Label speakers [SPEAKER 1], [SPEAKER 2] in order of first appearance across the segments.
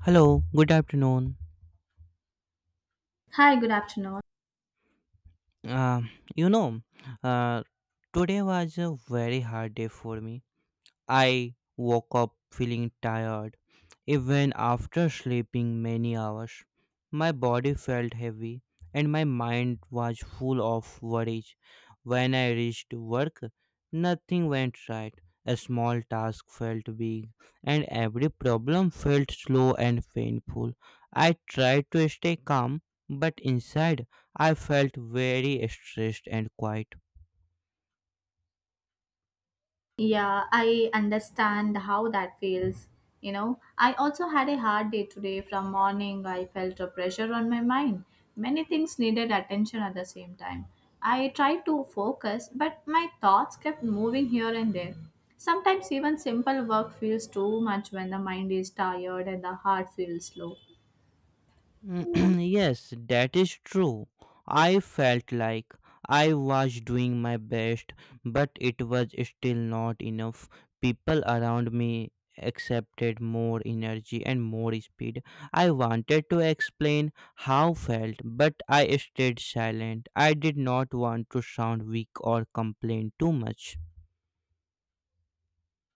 [SPEAKER 1] Hello, good afternoon.
[SPEAKER 2] Hi, good afternoon.
[SPEAKER 1] Um, you know, uh, Today was a very hard day for me. I woke up feeling tired, even after sleeping many hours. My body felt heavy, and my mind was full of worries. When I reached work, nothing went right. A small task felt big, and every problem felt slow and painful. I tried to stay calm, but inside I felt very stressed and quiet.
[SPEAKER 2] Yeah, I understand how that feels. You know, I also had a hard day today from morning. I felt a pressure on my mind. Many things needed attention at the same time. I tried to focus, but my thoughts kept moving here and there. Sometimes even simple work feels too much when the mind is tired and the heart feels slow.
[SPEAKER 1] Mm, yes, that is true. I felt like I was doing my best, but it was still not enough. People around me accepted more energy and more speed. I wanted to explain how felt, but I stayed silent. I did not want to sound weak or complain too much.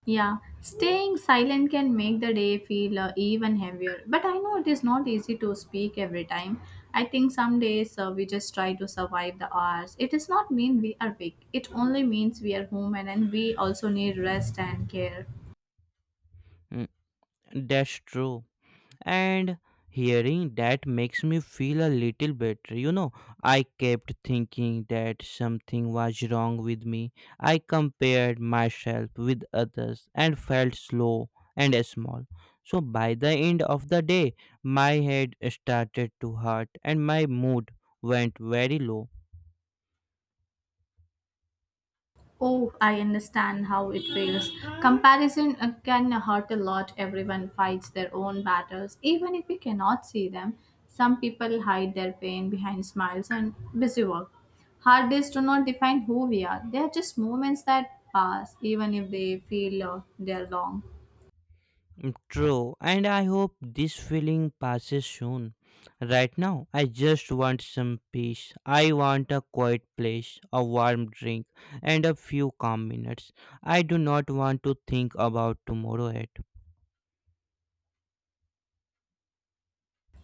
[SPEAKER 2] Yeah, staying silent can make the day feel even heavier. But I know it is not easy to speak every time. I think some days we just try to survive the hours. It does not mean we are weak. It only means we are human and we also need rest and care.
[SPEAKER 1] Mm, that's true. And hearing that makes me feel a little better. I kept thinking that something was wrong with me. I compared myself with others and felt slow and small. So by the end of the day, my head started to hurt and my mood went very low.
[SPEAKER 2] Oh, I understand how it feels. Comparison can hurt a lot. Everyone fights their own battles, even if we cannot see them. Some people hide their pain behind smiles and busy work. Hard days do not define who we are. They are just moments that pass, even if they feel they're long.
[SPEAKER 1] Mm, true, and I hope this feeling passes soon. Right now, I just want some peace. I want a quiet place, a warm drink, and a few calm minutes. I do not want to think about tomorrow yet.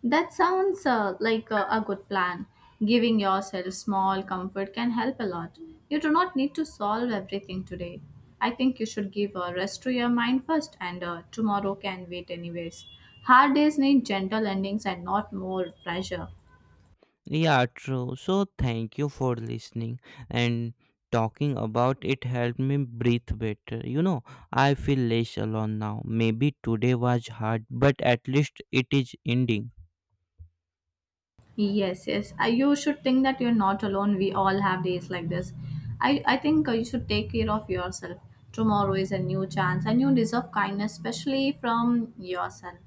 [SPEAKER 2] That sounds like a good plan. Giving yourself small comfort can help a lot. You do not need to solve everything today. I think you should give a rest to your mind first, and tomorrow can wait, anyways. Hard days need gentle endings and not more pressure.
[SPEAKER 1] Yeah, true. So, thank you for listening, and talking about it helped me breathe better. You know, I feel less alone now. Maybe today was hard, but at least it is ending.
[SPEAKER 2] Yes, yes. You should think that you're not alone. We all have days like this. I think you should take care of yourself. Tomorrow is a new chance, and you deserve kindness, especially from yourself.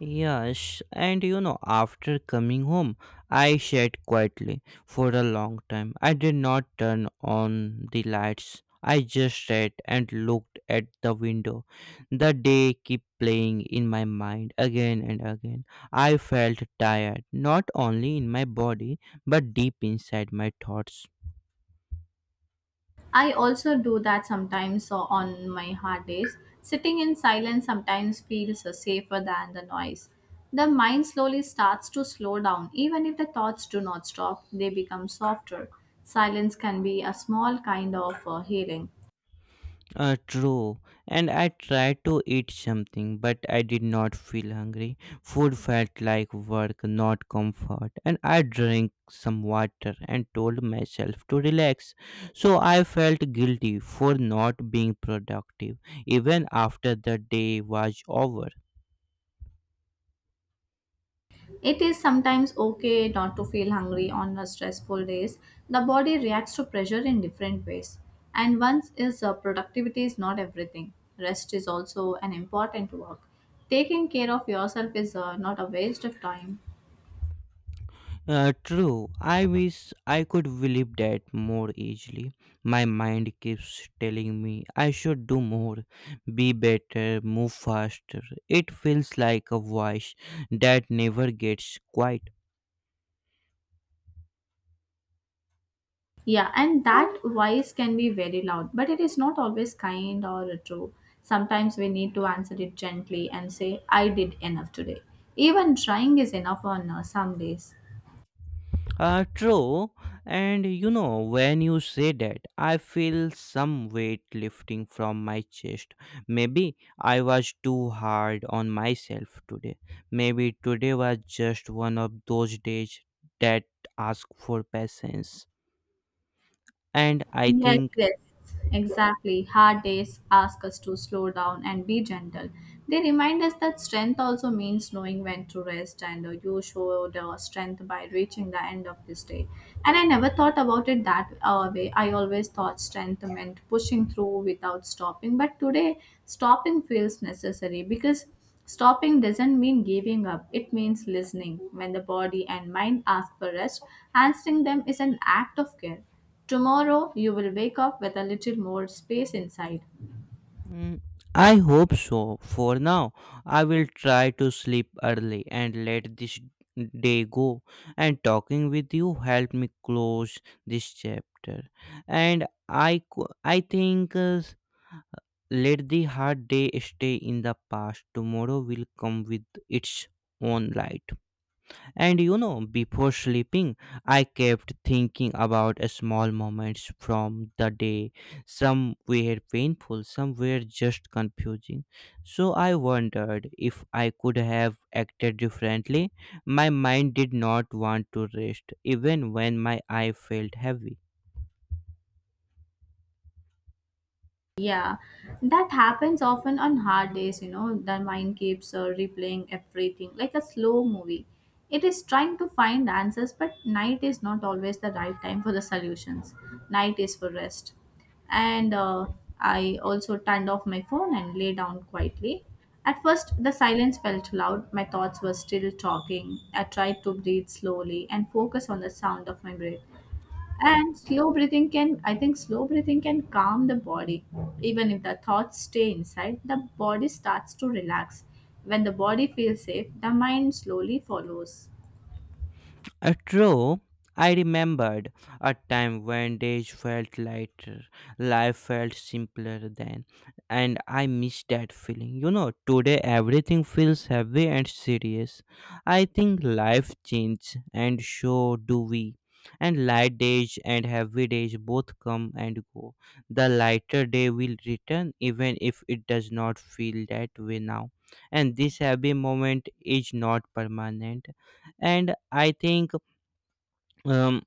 [SPEAKER 1] Yes, and you know, after coming home, I sat quietly for a long time. I did not turn on the lights. I just sat and looked at the window. The day kept playing in my mind again and again. I felt tired, not only in my body, but deep inside my thoughts.
[SPEAKER 2] I also do that sometimes so on my hard days. Sitting in silence sometimes feels safer than the noise. The mind slowly starts to slow down. Even if the thoughts do not stop, they become softer. Silence can be a small kind of healing.
[SPEAKER 1] True, and I tried to eat something, but I did not feel hungry. Food felt like work, not comfort. And I drank some water and told myself to relax. So I felt guilty for not being productive, even after the day was over.
[SPEAKER 2] It is sometimes okay not to feel hungry on a stressful days. The body reacts to pressure in different ways. And once is productivity is not everything. Rest is also an important work. Taking care of yourself is not a waste of time.
[SPEAKER 1] True. I wish I could believe that more easily. My mind keeps telling me I should do more, be better, move faster. It feels like a voice that never gets quiet.
[SPEAKER 2] Yeah, and that voice can be very loud, but it is not always kind or true. Sometimes we need to answer it gently and say, I did enough today. Even trying is enough on some days.
[SPEAKER 1] True. And you know, when you say that, I feel some weight lifting from my chest. Maybe I was too hard on myself today. Maybe today was just one of those days that ask for patience. And I
[SPEAKER 2] Yes,
[SPEAKER 1] think.
[SPEAKER 2] yes, exactly. Hard days ask us to slow down and be gentle. They remind us that strength also means knowing when to rest, and you showed strength by reaching the end of this day. And I never thought about it that way. I always thought strength meant pushing through without stopping, but today stopping feels necessary because stopping doesn't mean giving up, it means listening. When the body and mind ask for rest, answering them is an act of care. Tomorrow, you will wake up with a little more space inside.
[SPEAKER 1] Mm, I hope so. For now, I will try to sleep early and let this day go. And talking with you helped me close this chapter. And I think, let the hard day stay in the past. Tomorrow will come with its own light. And you know, before sleeping, I kept thinking about small moments from the day. Some were painful, some were just confusing. So I wondered if I could have acted differently. My mind did not want to rest, even when my eye felt heavy.
[SPEAKER 2] Yeah, that happens often on hard days, you know. The mind keeps replaying everything like a slow movie. It is trying to find answers, but night is not always the right time for the solutions. Night is for rest. And I also turned off my phone and lay down quietly. At first, the silence felt loud. My thoughts were still talking. I tried to breathe slowly and focus on the sound of my breath. And slow breathing can, I think, slow breathing can calm the body. Even if the thoughts stay inside, the body starts to relax. When the body feels safe, the mind slowly follows.
[SPEAKER 1] True, I remembered a time when days felt lighter, life felt simpler then, and I miss that feeling. You know, today everything feels heavy and serious. I think life changes, and so do we. And light days and heavy days both come and go. The lighter day will return, even if it does not feel that way now. And this heavy moment is not permanent. And I think, um,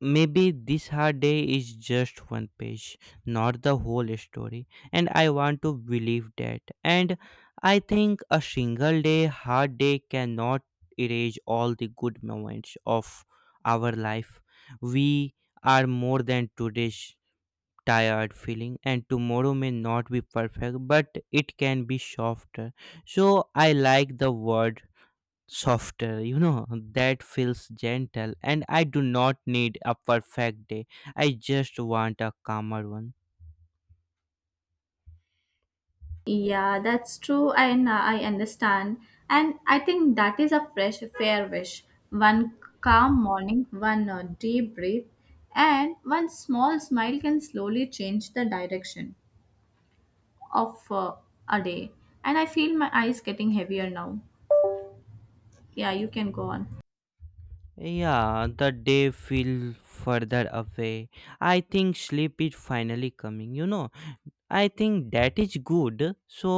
[SPEAKER 1] maybe this hard day is just one page, not the whole story. And I want to believe that. And I think a single day, hard day, cannot erase all the good moments of our life. We are more than today's tired feeling, and tomorrow may not be perfect, but it can be softer. So I like the word softer. That feels gentle, and I do not need a perfect day. I just want a calmer one.
[SPEAKER 2] Yeah, that's true, and I understand. And I think that is a fresh, fair wish. One calm morning, one deep breath, and one small smile can slowly change the direction of a day. And I feel my eyes getting heavier now. Yeah, you can go on.
[SPEAKER 1] Yeah, the day feel further away. I think sleep is finally coming. I think that is good. So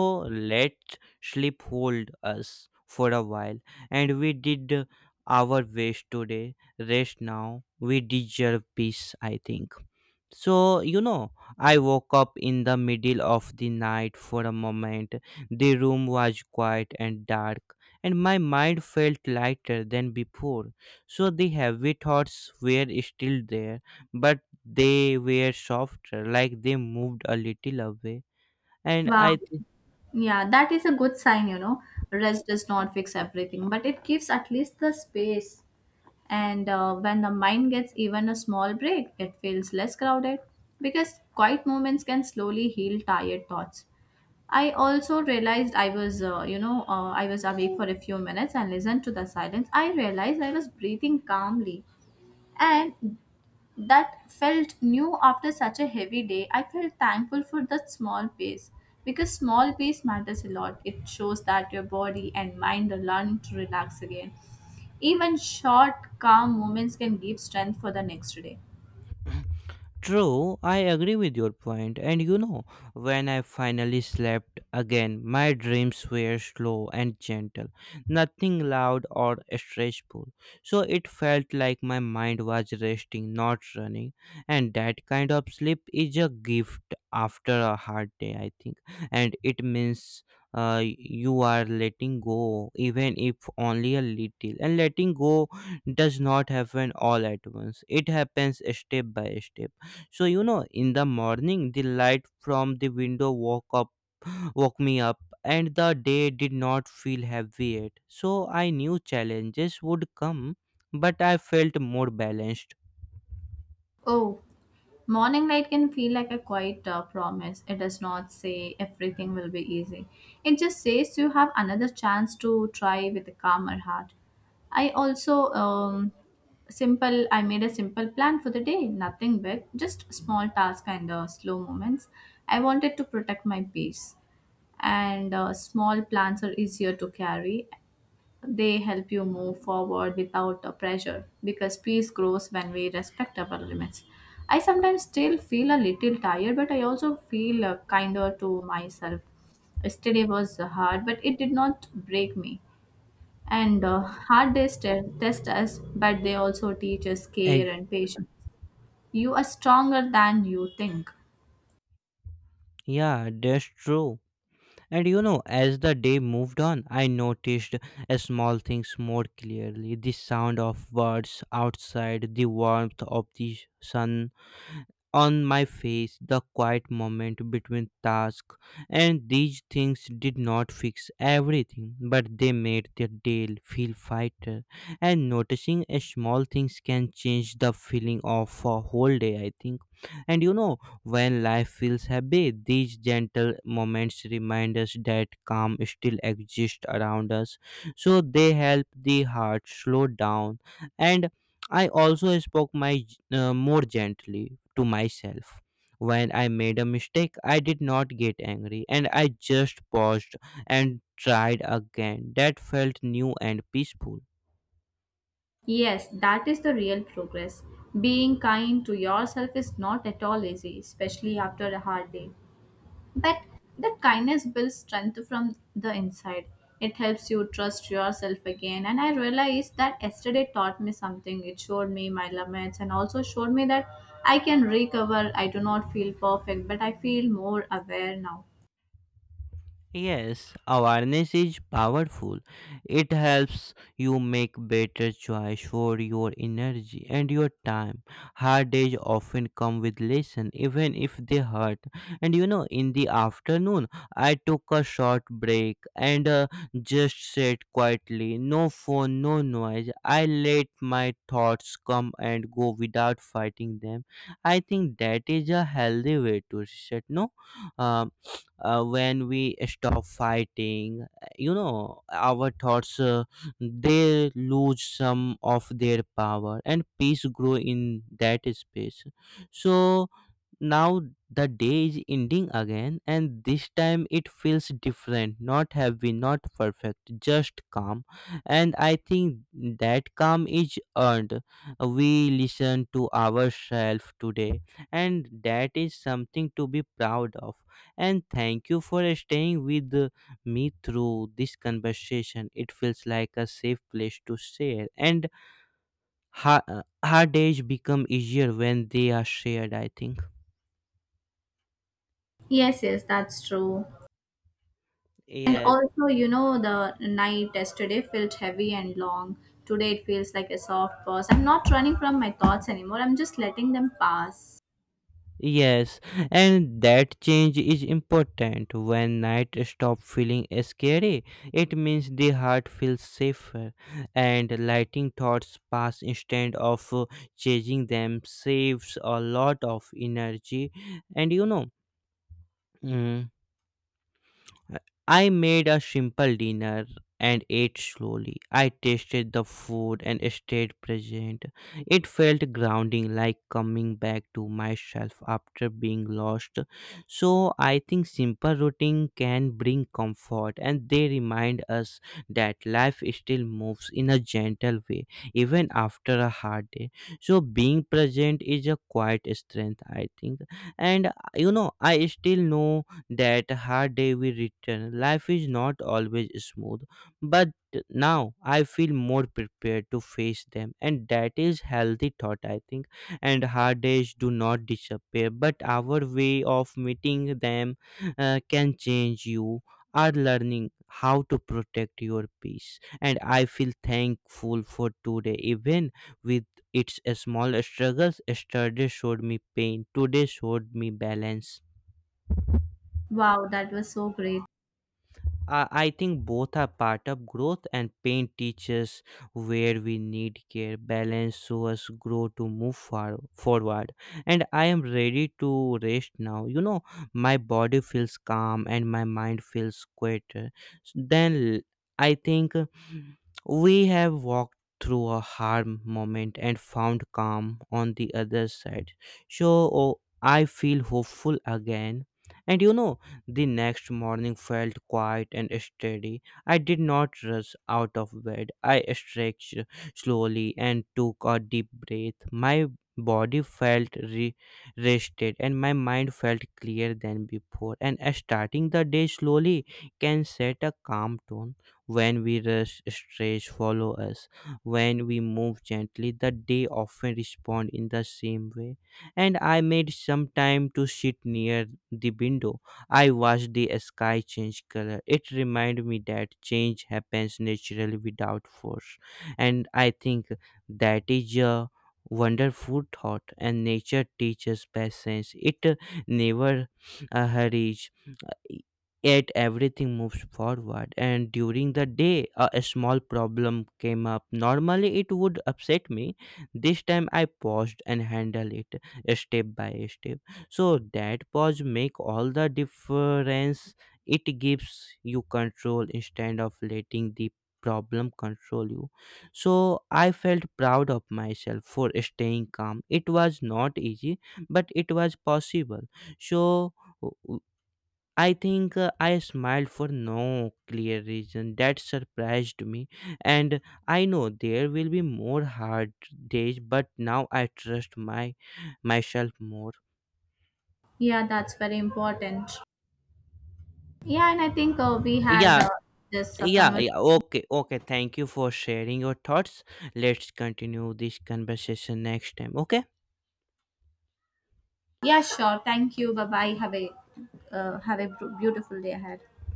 [SPEAKER 1] let sleep hold us for a while. And we did our best today. Rest now. We deserve peace, I think. So, you know, I woke up in the middle of the night for a moment. The room was quiet and dark, and my mind felt lighter than before. So, the heavy thoughts were still there, but they were softer, like they moved a little away. And
[SPEAKER 2] Wow.
[SPEAKER 1] I.
[SPEAKER 2] Yeah, that is a good sign, you know. Rest does not fix everything, but it gives at least the space. And when the mind gets even a small break, it feels less crowded because quiet moments can slowly heal tired thoughts. I also realized I was, I was awake for a few minutes and listened to the silence. I realized I was breathing calmly, and that felt new after such a heavy day. I felt thankful for that small pace because small pace matters a lot. It shows that your body and mind are learning to relax again. Even short, calm moments can give strength for the next day.
[SPEAKER 1] True, I agree with your point. And you know, when I finally slept again, my dreams were slow and gentle, nothing loud or stressful. So it felt like my mind was resting, not running. And that kind of sleep is a gift after a hard day, I think. And it means you are letting go, even if only a little. And letting go does not happen all at once, it happens step by step. So you know, in the morning, the light from the window woke me up, and the day did not feel heavy yet. So I knew challenges would come, but I felt more balanced.
[SPEAKER 2] Oh, morning light can feel like a quiet promise. It does not say everything will be easy. It just says you have another chance to try with a calmer heart. I also simple. I made a simple plan for the day. Nothing big, just small tasks and slow moments. I wanted to protect my peace, and small plans are easier to carry. They help you move forward without a pressure because peace grows when we respect our limits. I sometimes still feel a little tired, but I also feel kinder to myself. Yesterday was hard, but it did not break me. And hard days test us, but they also teach us
[SPEAKER 1] Eh,
[SPEAKER 2] care and patience. You are stronger than you think.
[SPEAKER 1] yeah, that's true. And you know, as the day moved on, I noticed small things more clearly: the sound of birds outside, the warmth of the sun on my face, the quiet moment between tasks, and these things did not fix everything, but they made the day feel lighter. And noticing a small things can change the feeling of a whole day, I think. And you know, when life feels heavy, these gentle moments remind us that calm still exists around us. So they help the heart slow down. And I also spoke my more gently to myself. When I made a mistake, I did not get angry, and I just paused and tried again. That felt new and peaceful.
[SPEAKER 2] Yes, that is the real progress. Being kind to yourself is not at all easy, especially after a hard day. But that kindness builds strength from the inside. It helps you trust yourself again. And I realized that yesterday taught me something. It showed me my limits and also showed me that I can recover. I do not feel perfect, but I feel more aware now.
[SPEAKER 1] Yes, awareness is powerful. It helps you make better choice for your energy and your time. Hard days often come with lesson, even if they hurt. And you know, in the afternoon, I took a short break and just sat quietly. No phone, no noise. I let my thoughts come and go without fighting them. I think that is a healthy way to reset. No. Um, when we stop fighting, our thoughts, they lose some of their power, and peace grow in that space. So now the day is ending again, and this time it feels different, not heavy, not perfect, just calm. And I think that calm is earned. We listen to ourselves today, and that is something to be proud of. And thank you for staying with me through this conversation. It feels like a safe place to share, and hard days become easier when they are shared, I think.
[SPEAKER 2] Yes, yes, that's true. And
[SPEAKER 1] Yes.
[SPEAKER 2] also, you know, the night yesterday felt heavy and long. Today it feels like a soft pause. I'm not running from my thoughts anymore. I'm just letting them pass.
[SPEAKER 1] Yes, and that change is important. When night stop feeling scary, it means the heart feels safer, and lighting thoughts pass instead of chasing them saves a lot of energy. And you know. mm, I made a simple dinner and ate slowly. I tasted the food and stayed present. It felt grounding, like coming back to myself after being lost. So, I think simple routine can bring comfort, and they remind us that life still moves in a gentle way, even after a hard day. So, being present is a quiet strength, I think. And you know, I still know that hard day we return. Life is not always smooth, but now I feel more prepared to face them, and that is healthy thought, I think. And hard days do not disappear, but our way of meeting them can change. You are learning how to protect your peace, and I feel thankful for today, even with its small struggles. Yesterday showed me pain, today showed me balance.
[SPEAKER 2] Wow, that was so great.
[SPEAKER 1] I think both are part of growth, and pain teaches where we need care, balance, so us grow to move far forward. And I am ready to rest now. You know, my body feels calm and my mind feels quieter. Then I think we have walked through a hard moment and found calm on the other side. So oh, I feel hopeful again. And you know, the next morning felt quiet and steady. I did not rush out of bed. I stretched slowly and took a deep breath. My body felt rested, and my mind felt clearer than before. And starting the day slowly can set a calm tone. When we rush, stress follow us. When we move gently, the day often respond in the same way. And I made some time to sit near the window. I watched the sky change color. It reminded me that change happens naturally without force. And I think that is a wonderful thought. And nature teaches patience, it never hurries, yet everything moves forward. And during the day a small problem came up. Normally it would upset me. This time I paused and handled it step by step. So that pause make all the difference. It gives you control instead of letting the problem control you. So I felt proud of myself for staying calm. It was not easy, but it was possible. So I think, I smiled for no clear reason. That surprised me. And I know there will be more hard days, but now I trust my myself more.
[SPEAKER 2] Yeah, that's very important. Yeah, and I think we had
[SPEAKER 1] Yeah,
[SPEAKER 2] this
[SPEAKER 1] yeah,
[SPEAKER 2] conversation.
[SPEAKER 1] yeah. Okay, okay. Thank you for sharing your thoughts. Let's continue this conversation next time. Okay?
[SPEAKER 2] Yeah, sure. Thank you. Bye bye. Have a beautiful day ahead.